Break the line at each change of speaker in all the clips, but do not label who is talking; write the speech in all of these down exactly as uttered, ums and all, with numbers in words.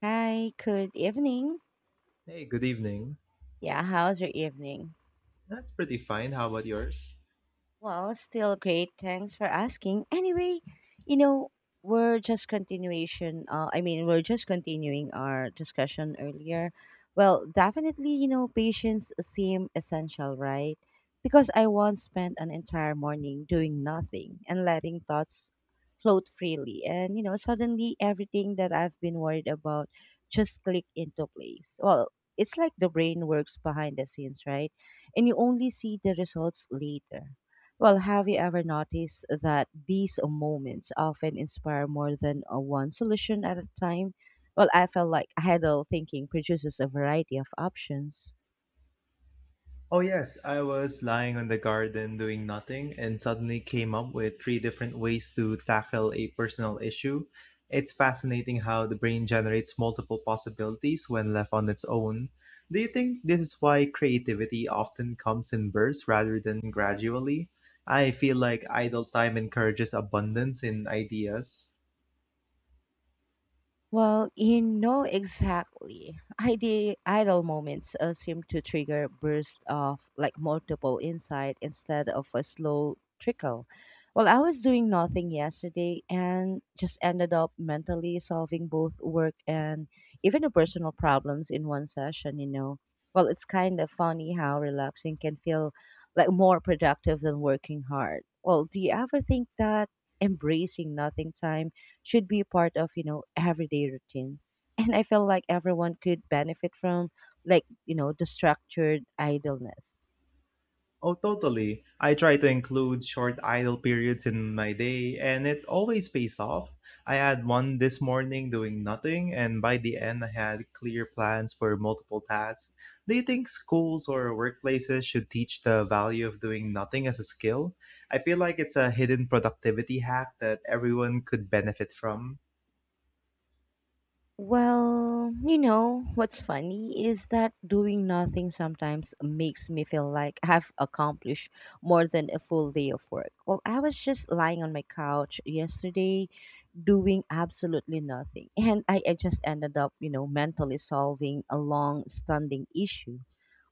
Hi, good evening.
Hey, good evening.
Yeah, how's your evening?
That's pretty fine. How about yours?
Well, still great. Thanks for asking. Anyway, you know, we're just continuation. Uh, I mean, we're just continuing our discussion earlier. Well, definitely, you know, patience seem essential, right? Because I once spent an entire morning doing nothing and letting thoughts float freely, and you know, suddenly everything that I've been worried about just click into place. Well, it's like the brain works behind the scenes, right? And you only see the results later. Well, have you ever noticed that these moments often inspire more than uh, one solution at a time? Well, I felt like idle thinking produces a variety of options.
Oh, yes. I was lying on the garden doing nothing and suddenly came up with three different ways to tackle a personal issue. It's fascinating how the brain generates multiple possibilities when left on its own. Do you think this is why creativity often comes in bursts rather than gradually? I feel like idle time encourages abundance in ideas.
Well, you know exactly. Ide- idle moments uh, seem to trigger bursts of like multiple insight instead of a slow trickle. Well, I was doing nothing yesterday and just ended up mentally solving both work and even the personal problems in one session, you know. Well, it's kind of funny how relaxing can feel like more productive than working hard. Well, do you ever think that embracing nothing time should be part of, you know, everyday routines. And I feel like everyone could benefit from like, you know, the structured idleness.
Oh, totally. I try to include short idle periods in my day, and it always pays off. I had one this morning doing nothing, and by the end, I had clear plans for multiple tasks. Do you think schools or workplaces should teach the value of doing nothing as a skill? I feel like it's a hidden productivity hack that everyone could benefit from.
Well, you know, what's funny is that doing nothing sometimes makes me feel like I've accomplished more than a full day of work. Well, I was just lying on my couch yesterday doing absolutely nothing. And I, I just ended up, you know, mentally solving a long standing issue.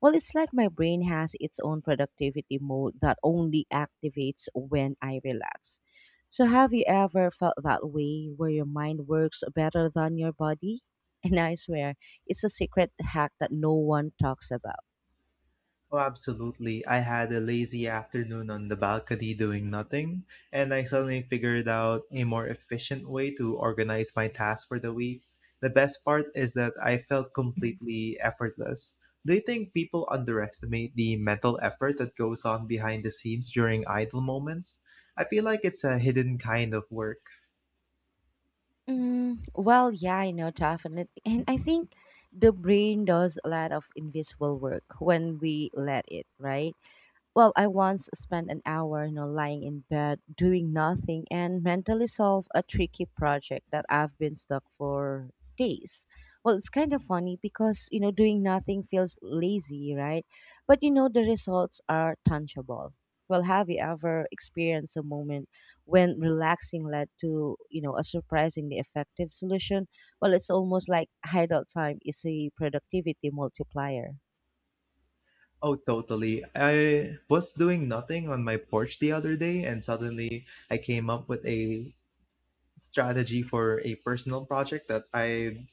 Well, it's like my brain has its own productivity mode that only activates when I relax. So, have you ever felt that way where your mind works better than your body? And I swear, it's a secret hack that no one talks about.
Oh, absolutely. I had a lazy afternoon on the balcony doing nothing, and I suddenly figured out a more efficient way to organize my tasks for the week. The best part is that I felt completely effortless. Do you think people underestimate the mental effort that goes on behind the scenes during idle moments? I feel like it's a hidden kind of work.
Mm, well, yeah, I know, definitely. And I think the brain does a lot of invisible work when we let it, right? Well, I once spent an hour, you know, lying in bed doing nothing and mentally solve a tricky project that I've been stuck for days. Well, it's kind of funny because, you know, doing nothing feels lazy, right? But you know the results are tangible. Well, have you ever experienced a moment when relaxing led to, you know, a surprisingly effective solution? Well, it's almost like idle time is a productivity multiplier.
Oh, totally. I was doing nothing on my porch the other day, and suddenly I came up with a strategy for a personal project that I've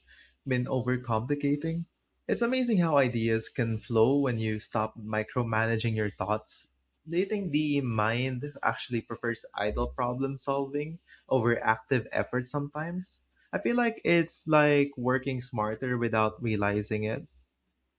been overcomplicating. It's amazing how ideas can flow when you stop micromanaging your thoughts. Do you think the mind actually prefers idle problem solving over active effort sometimes? I feel like it's like working smarter without realizing it.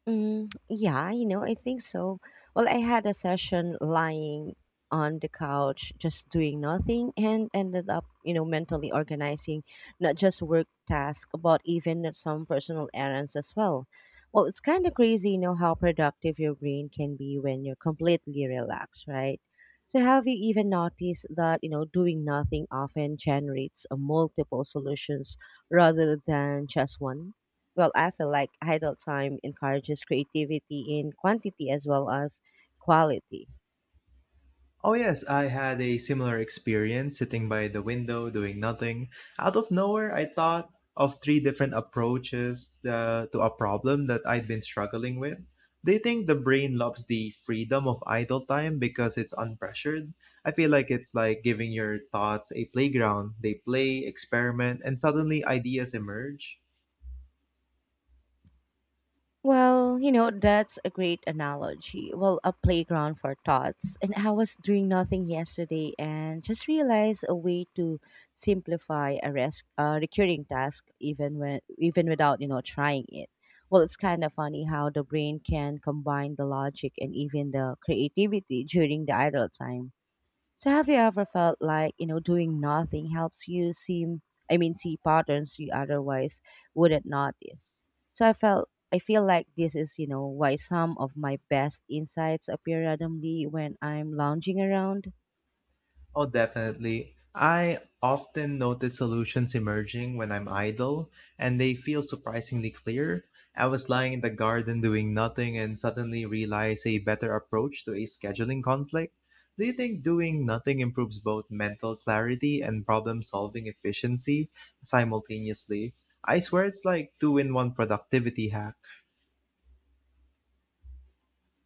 Mm, yeah, you know, I think so. Well, I had a session lying on the couch, just doing nothing, and ended up, you know, mentally organizing not just work tasks, but even at some personal errands as well. Well, it's kind of crazy, you know, how productive your brain can be when you're completely relaxed, right? So, have you even noticed that, you know, doing nothing often generates uh, multiple solutions rather than just one? Well, I feel like idle time encourages creativity in quantity as well as quality.
Oh, yes, I had a similar experience sitting by the window doing nothing. Out of nowhere, I thought of three different approaches uh, to a problem that I'd been struggling with. Do you think the brain loves the freedom of idle time because it's unpressured? I feel like it's like giving your thoughts a playground. They play, experiment, and suddenly ideas emerge.
Well, you know, that's a great analogy. Well, a playground for thoughts. And I was doing nothing yesterday and just realized a way to simplify a res- uh, recurring task even when even without, you know, trying it. Well, it's kind of funny how the brain can combine the logic and even the creativity during the idle time. So have you ever felt like, you know, doing nothing helps you seem I mean see patterns you otherwise wouldn't notice. So I felt I feel like this is, you know, why some of my best insights appear randomly when I'm lounging around.
Oh, definitely. I often notice solutions emerging when I'm idle, and they feel surprisingly clear. I was lying in the garden doing nothing and suddenly realized a better approach to a scheduling conflict. Do you think doing nothing improves both mental clarity and problem solving efficiency simultaneously? I swear it's like two in one productivity hack.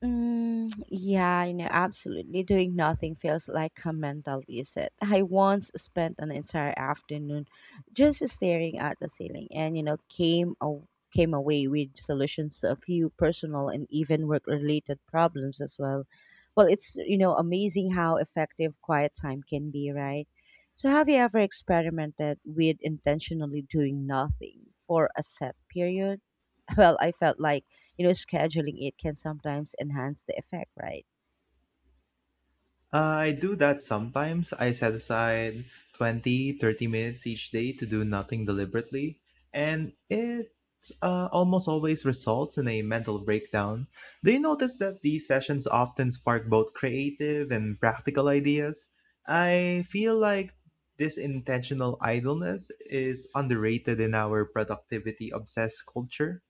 Mm, yeah, you know, absolutely. Doing nothing feels like a mental reset. I once spent an entire afternoon just staring at the ceiling, and you know, came aw- came away with solutions to a few personal and even work related problems as well. Well, it's you know amazing how effective quiet time can be, right? So, have you ever experimented with intentionally doing nothing for a set period? Well, I felt like you know scheduling it can sometimes enhance the effect right.
Uh, I do that sometimes. I set aside twenty, thirty minutes each day to do nothing deliberately, and it uh, almost always results in a mental breakdown. Do you notice that these sessions often spark both creative and practical ideas? I feel like this intentional idleness is underrated in our productivity obsessed culture.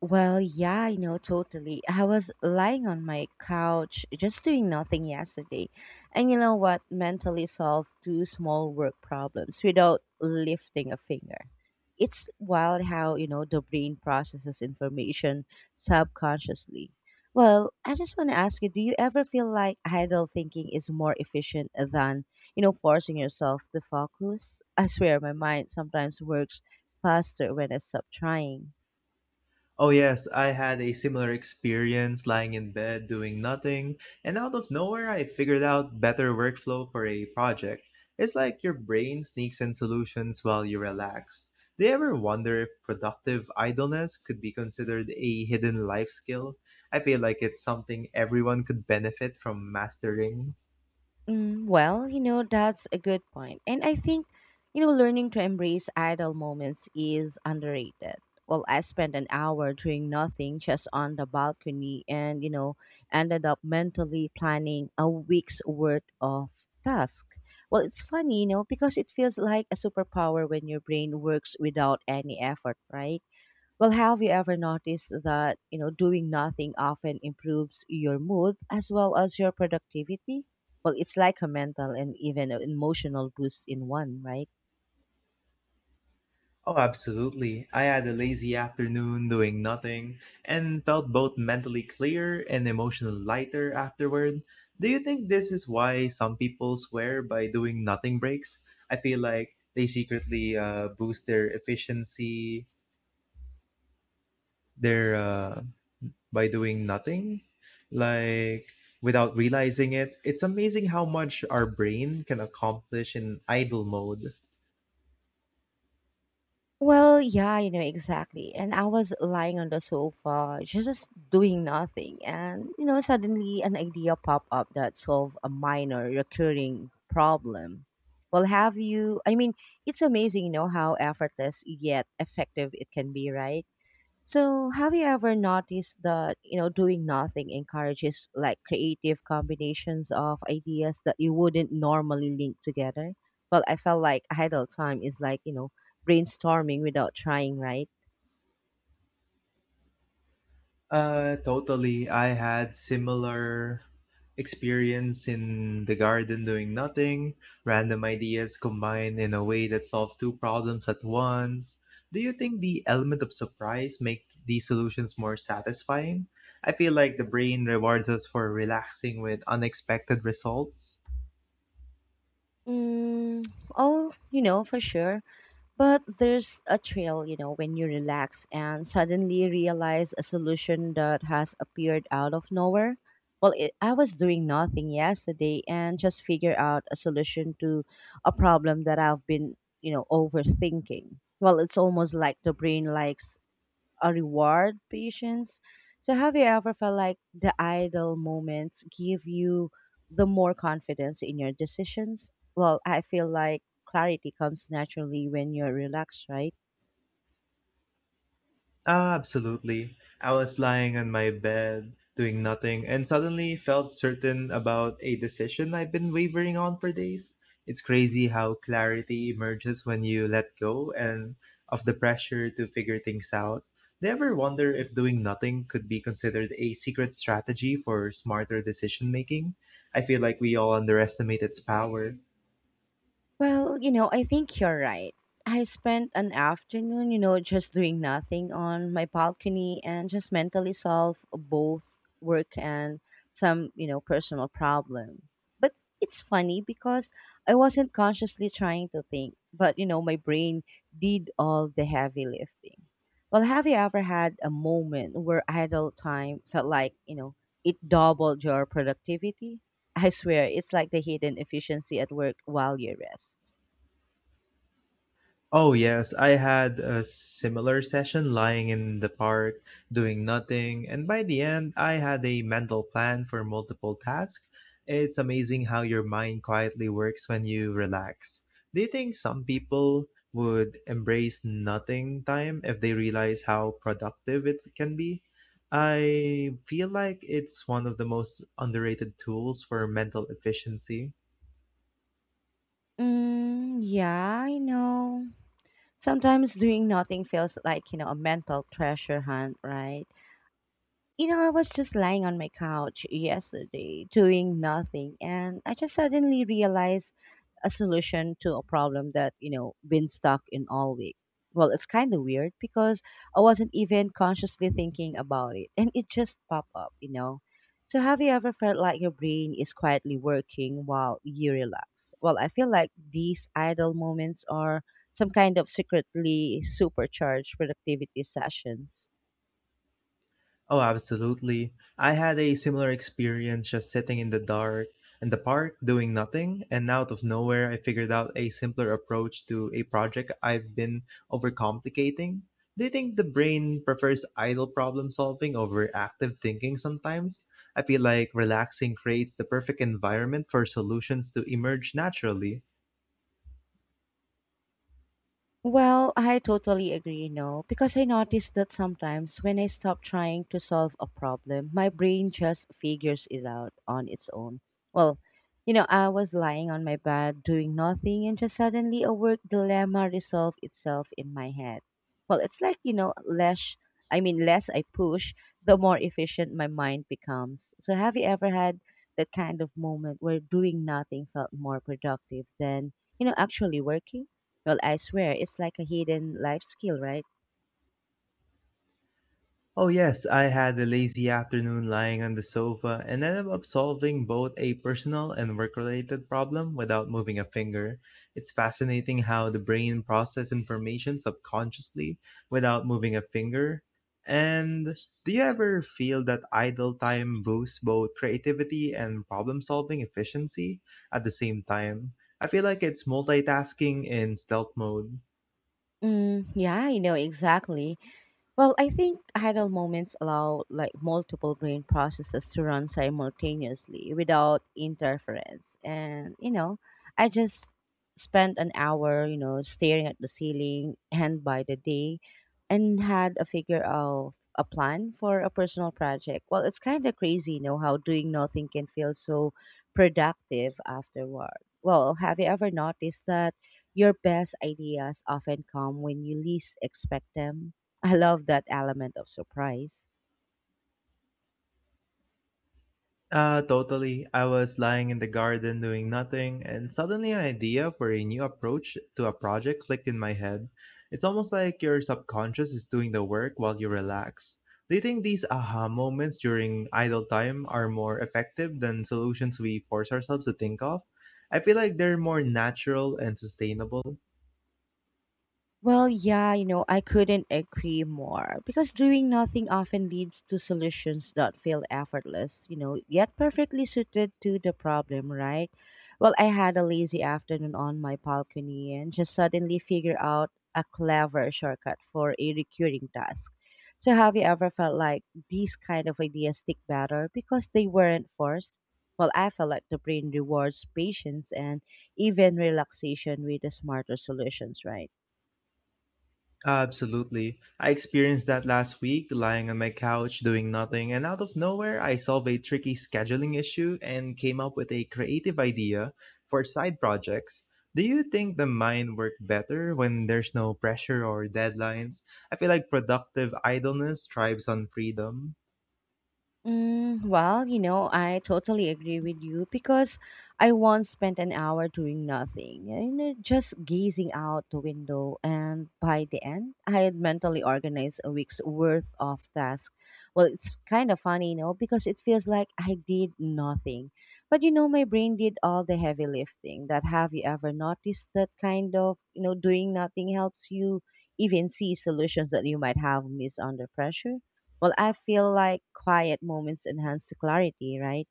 Well, yeah, I know totally. I was lying on my couch just doing nothing yesterday. And you know what? Mentally solved two small work problems without lifting a finger. It's wild how, you know, the brain processes information subconsciously. Well, I just want to ask you, do you ever feel like idle thinking is more efficient than, you know, forcing yourself to focus? I swear my mind sometimes works faster when I stop trying.
Oh, yes, I had a similar experience lying in bed doing nothing, and out of nowhere, I figured out better workflow for a project. It's like your brain sneaks in solutions while you relax. Do you ever wonder if productive idleness could be considered a hidden life skill? I feel like it's something everyone could benefit from mastering.
Mm, well, you know, that's a good point. And I think, you know, learning to embrace idle moments is underrated. Well, I spent an hour doing nothing just on the balcony and, you know, ended up mentally planning a week's worth of tasks. Well, it's funny, you know, because it feels like a superpower when your brain works without any effort, right? Well, have you ever noticed that, you know, doing nothing often improves your mood as well as your productivity? Well, it's like a mental and even an emotional boost in one, right?
Oh, absolutely. I had a lazy afternoon doing nothing and felt both mentally clear and emotionally lighter afterward. Do you think this is why some people swear by doing nothing breaks? I feel like they secretly uh, boost their efficiency their uh, by doing nothing, like without realizing it. It's amazing how much our brain can accomplish in idle mode.
Well, yeah, you know, exactly. And I was lying on the sofa, just doing nothing. And, you know, suddenly an idea popped up that solved a minor recurring problem. Well, have you, I mean, It's amazing, you know, how effortless yet effective it can be, right? So, have you ever noticed that, you know, doing nothing encourages like creative combinations of ideas that you wouldn't normally link together? Well, I felt like idle time is like, you know, brainstorming without trying, right?
Uh, totally. I had similar experience in the garden doing nothing, random ideas combined in a way that solve two problems at once. Do you think the element of surprise make these solutions more satisfying? I feel like the brain rewards us for relaxing with unexpected results.
Mm, oh, you know, for sure. But there's a trail, you know, when you relax and suddenly realize a solution that has appeared out of nowhere. Well, it, I was doing nothing yesterday and just figure out a solution to a problem that I've been, you know, overthinking. Well, it's almost like the brain likes uh, reward patience. So, have you ever felt like the idle moments give you the more confidence in your decisions? Well, I feel like clarity comes naturally when you're relaxed, right?
Ah, absolutely. I was lying on my bed, doing nothing, and suddenly felt certain about a decision I've been wavering on for days. It's crazy how clarity emerges when you let go and of the pressure to figure things out. Do you ever wonder if doing nothing could be considered a secret strategy for smarter decision making? I feel like we all underestimate its power.
Well, you know, I think you're right. I spent an afternoon, you know, just doing nothing on my balcony and just mentally solve both work and some, you know, personal problem. But it's funny because I wasn't consciously trying to think, but you know, my brain did all the heavy lifting. Well, have you ever had a moment where idle time felt like, you know, it doubled your productivity? I swear, it's like the hidden efficiency at work while you rest.
Oh, yes, I had a similar session lying in the park, doing nothing, and by the end, I had a mental plan for multiple tasks. It's amazing how your mind quietly works when you relax. Do you think some people would embrace nothing time if they realize how productive it can be? I feel like it's one of the most underrated tools for mental efficiency.
Mm, yeah, I know. Sometimes doing nothing feels like, you know, a mental treasure hunt, right? You know, I was just lying on my couch yesterday doing nothing, and I just suddenly realized a solution to a problem that, you know, been stuck in all week. Well, it's kind of weird because I wasn't even consciously thinking about it, and it just popped up, you know. So, have you ever felt like your brain is quietly working while you relax? Well, I feel like these idle moments are some kind of secretly supercharged productivity sessions.
Oh, absolutely. I had a similar experience just sitting in the dark in the park doing nothing, and out of nowhere, I figured out a simpler approach to a project I've been overcomplicating. Do you think the brain prefers idle problem solving over active thinking sometimes? I feel like relaxing creates the perfect environment for solutions to emerge naturally.
Well, I totally agree, no, because I noticed that sometimes when I stop trying to solve a problem, my brain just figures it out on its own. Well, you know, I was lying on my bed doing nothing and just suddenly a work dilemma resolved itself in my head. Well, it's like, you know, less I mean less I push, the more efficient my mind becomes. So have you ever had that kind of moment where doing nothing felt more productive than, you know, actually working? Well, I swear, it's like a hidden life skill, right?
Oh, yes, I had a lazy afternoon lying on the sofa and ended up solving both a personal and work related problem without moving a finger. It's fascinating how the brain processes information subconsciously without moving a finger. And do you ever feel that idle time boosts both creativity and problem solving efficiency at the same time? I feel like it's multitasking in stealth mode.
Mm, yeah, I know exactly. Well, I think idle moments allow like multiple brain processes to run simultaneously without interference. And, you know, I just spent an hour, you know, staring at the ceiling and by the day and had a figure of a plan for a personal project. Well, it's kind of crazy, you know, how doing nothing can feel so productive afterward. Well, have you ever noticed that your best ideas often come when you least expect them? I love that element of surprise.
Uh, totally. I was lying in the garden doing nothing, and suddenly an idea for a new approach to a project clicked in my head. It's almost like your subconscious is doing the work while you relax. Do you think these aha moments during idle time are more effective than solutions we force ourselves to think of? I feel like they're more natural and sustainable.
Well, yeah, you know, I couldn't agree more because doing nothing often leads to solutions that feel effortless, you know, yet perfectly suited to the problem, right? Well, I had a lazy afternoon on my balcony and just suddenly figured out a clever shortcut for a recurring task. So, have you ever felt like these kind of ideas stick better because they weren't forced? Well, I felt like the brain rewards patience and even relaxation with the smarter solutions, right?
Absolutely. I experienced that last week, lying on my couch doing nothing, and out of nowhere, I solved a tricky scheduling issue and came up with a creative idea for side projects. Do you think the mind works better when there's no pressure or deadlines? I feel like productive idleness thrives on freedom.
Mm, well, you know, I totally agree with you because I once spent an hour doing nothing, you know, just gazing out the window. And by the end, I had mentally organized a week's worth of tasks. Well, it's kind of funny, you know, because it feels like I did nothing. But, you know, my brain did all the heavy lifting. That have you ever noticed that kind of, you know, doing nothing helps you even see solutions that you might have missed under pressure? Well, I feel like quiet moments enhance the clarity, right?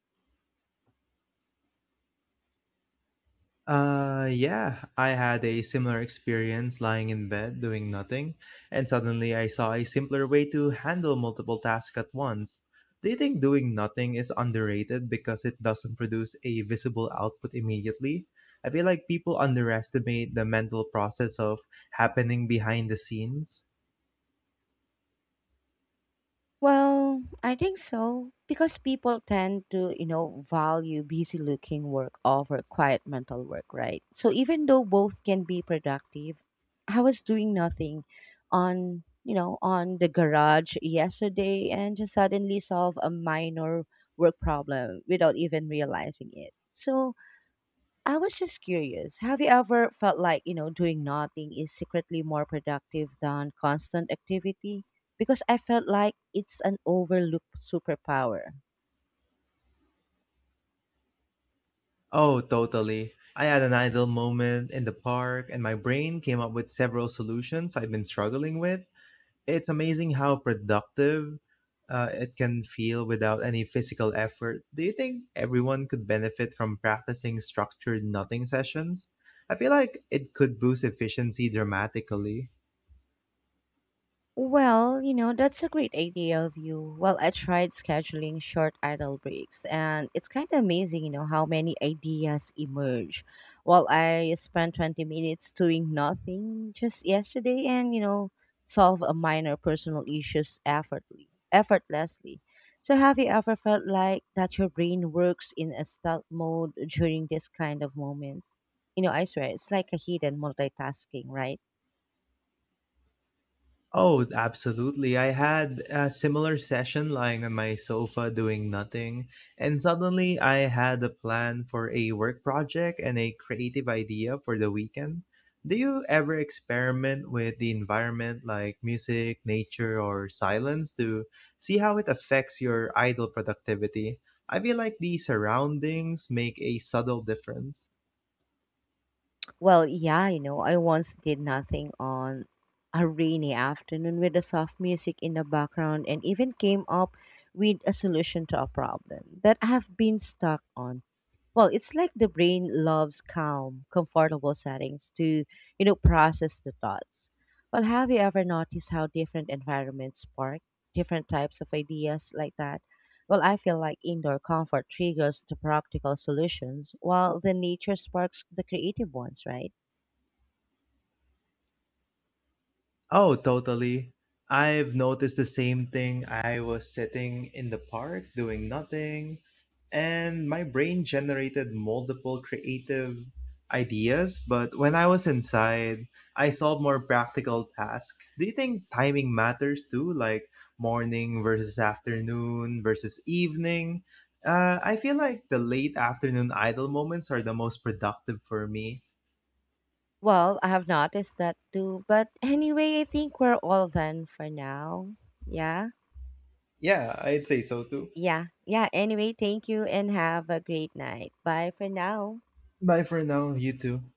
Uh, yeah, I had a similar experience lying in bed doing nothing, and suddenly I saw a simpler way to handle multiple tasks at once. Do you think doing nothing is underrated because it doesn't produce a visible output immediately? I feel like people underestimate the mental process of happening behind the scenes.
Well, I think so because people tend to, you know, value busy looking work over quiet mental work, right? So even though both can be productive, I was doing nothing on, you know, on the garage yesterday and just suddenly solve a minor work problem without even realizing it. So I was just curious. Have you ever felt like, you know, doing nothing is secretly more productive than constant activity? Because I felt like it's an overlooked superpower.
Oh, totally. I had an idle moment in the park, and my brain came up with several solutions I've been struggling with. It's amazing how productive uh, it can feel without any physical effort. Do you think everyone could benefit from practicing structured nothing sessions? I feel like it could boost efficiency dramatically.
Well, you know, that's a great idea of you. Well, I tried scheduling short idle breaks, and it's kind of amazing, you know, how many ideas emerge. Well, I spent twenty minutes doing nothing just yesterday and, you know, solve a minor personal issues effortlessly. Effortlessly. So, have you ever felt like that your brain works in a stealth mode during this kind of moments? You know, I swear, it's like a hidden multitasking, right?
Oh, absolutely. I had a similar session lying on my sofa doing nothing, and suddenly I had a plan for a work project and a creative idea for the weekend. Do you ever experiment with the environment like music, nature, or silence to see how it affects your idle productivity? I feel like the surroundings make a subtle difference.
Well, yeah, you know, I once did nothing on a rainy afternoon with the soft music in the background and even came up with a solution to a problem that I have been stuck on. Well, it's like the brain loves calm, comfortable settings to, you know, process the thoughts. Well, have you ever noticed how different environments spark different types of ideas like that? Well, I feel like indoor comfort triggers the practical solutions while the nature sparks the creative ones, right?
Oh, totally. I've noticed the same thing. I was sitting in the park doing nothing, and my brain generated multiple creative ideas. But when I was inside, I solved more practical tasks. Do you think timing matters too? Like morning versus afternoon versus evening? Uh, I feel like the late afternoon idle moments are the most productive for me.
Well, I have noticed that too. But anyway, I think we're all done for now. Yeah.
Yeah, I'd say so too.
Yeah. Yeah. Anyway, thank you and have a great night. Bye for now.
Bye for now, you too.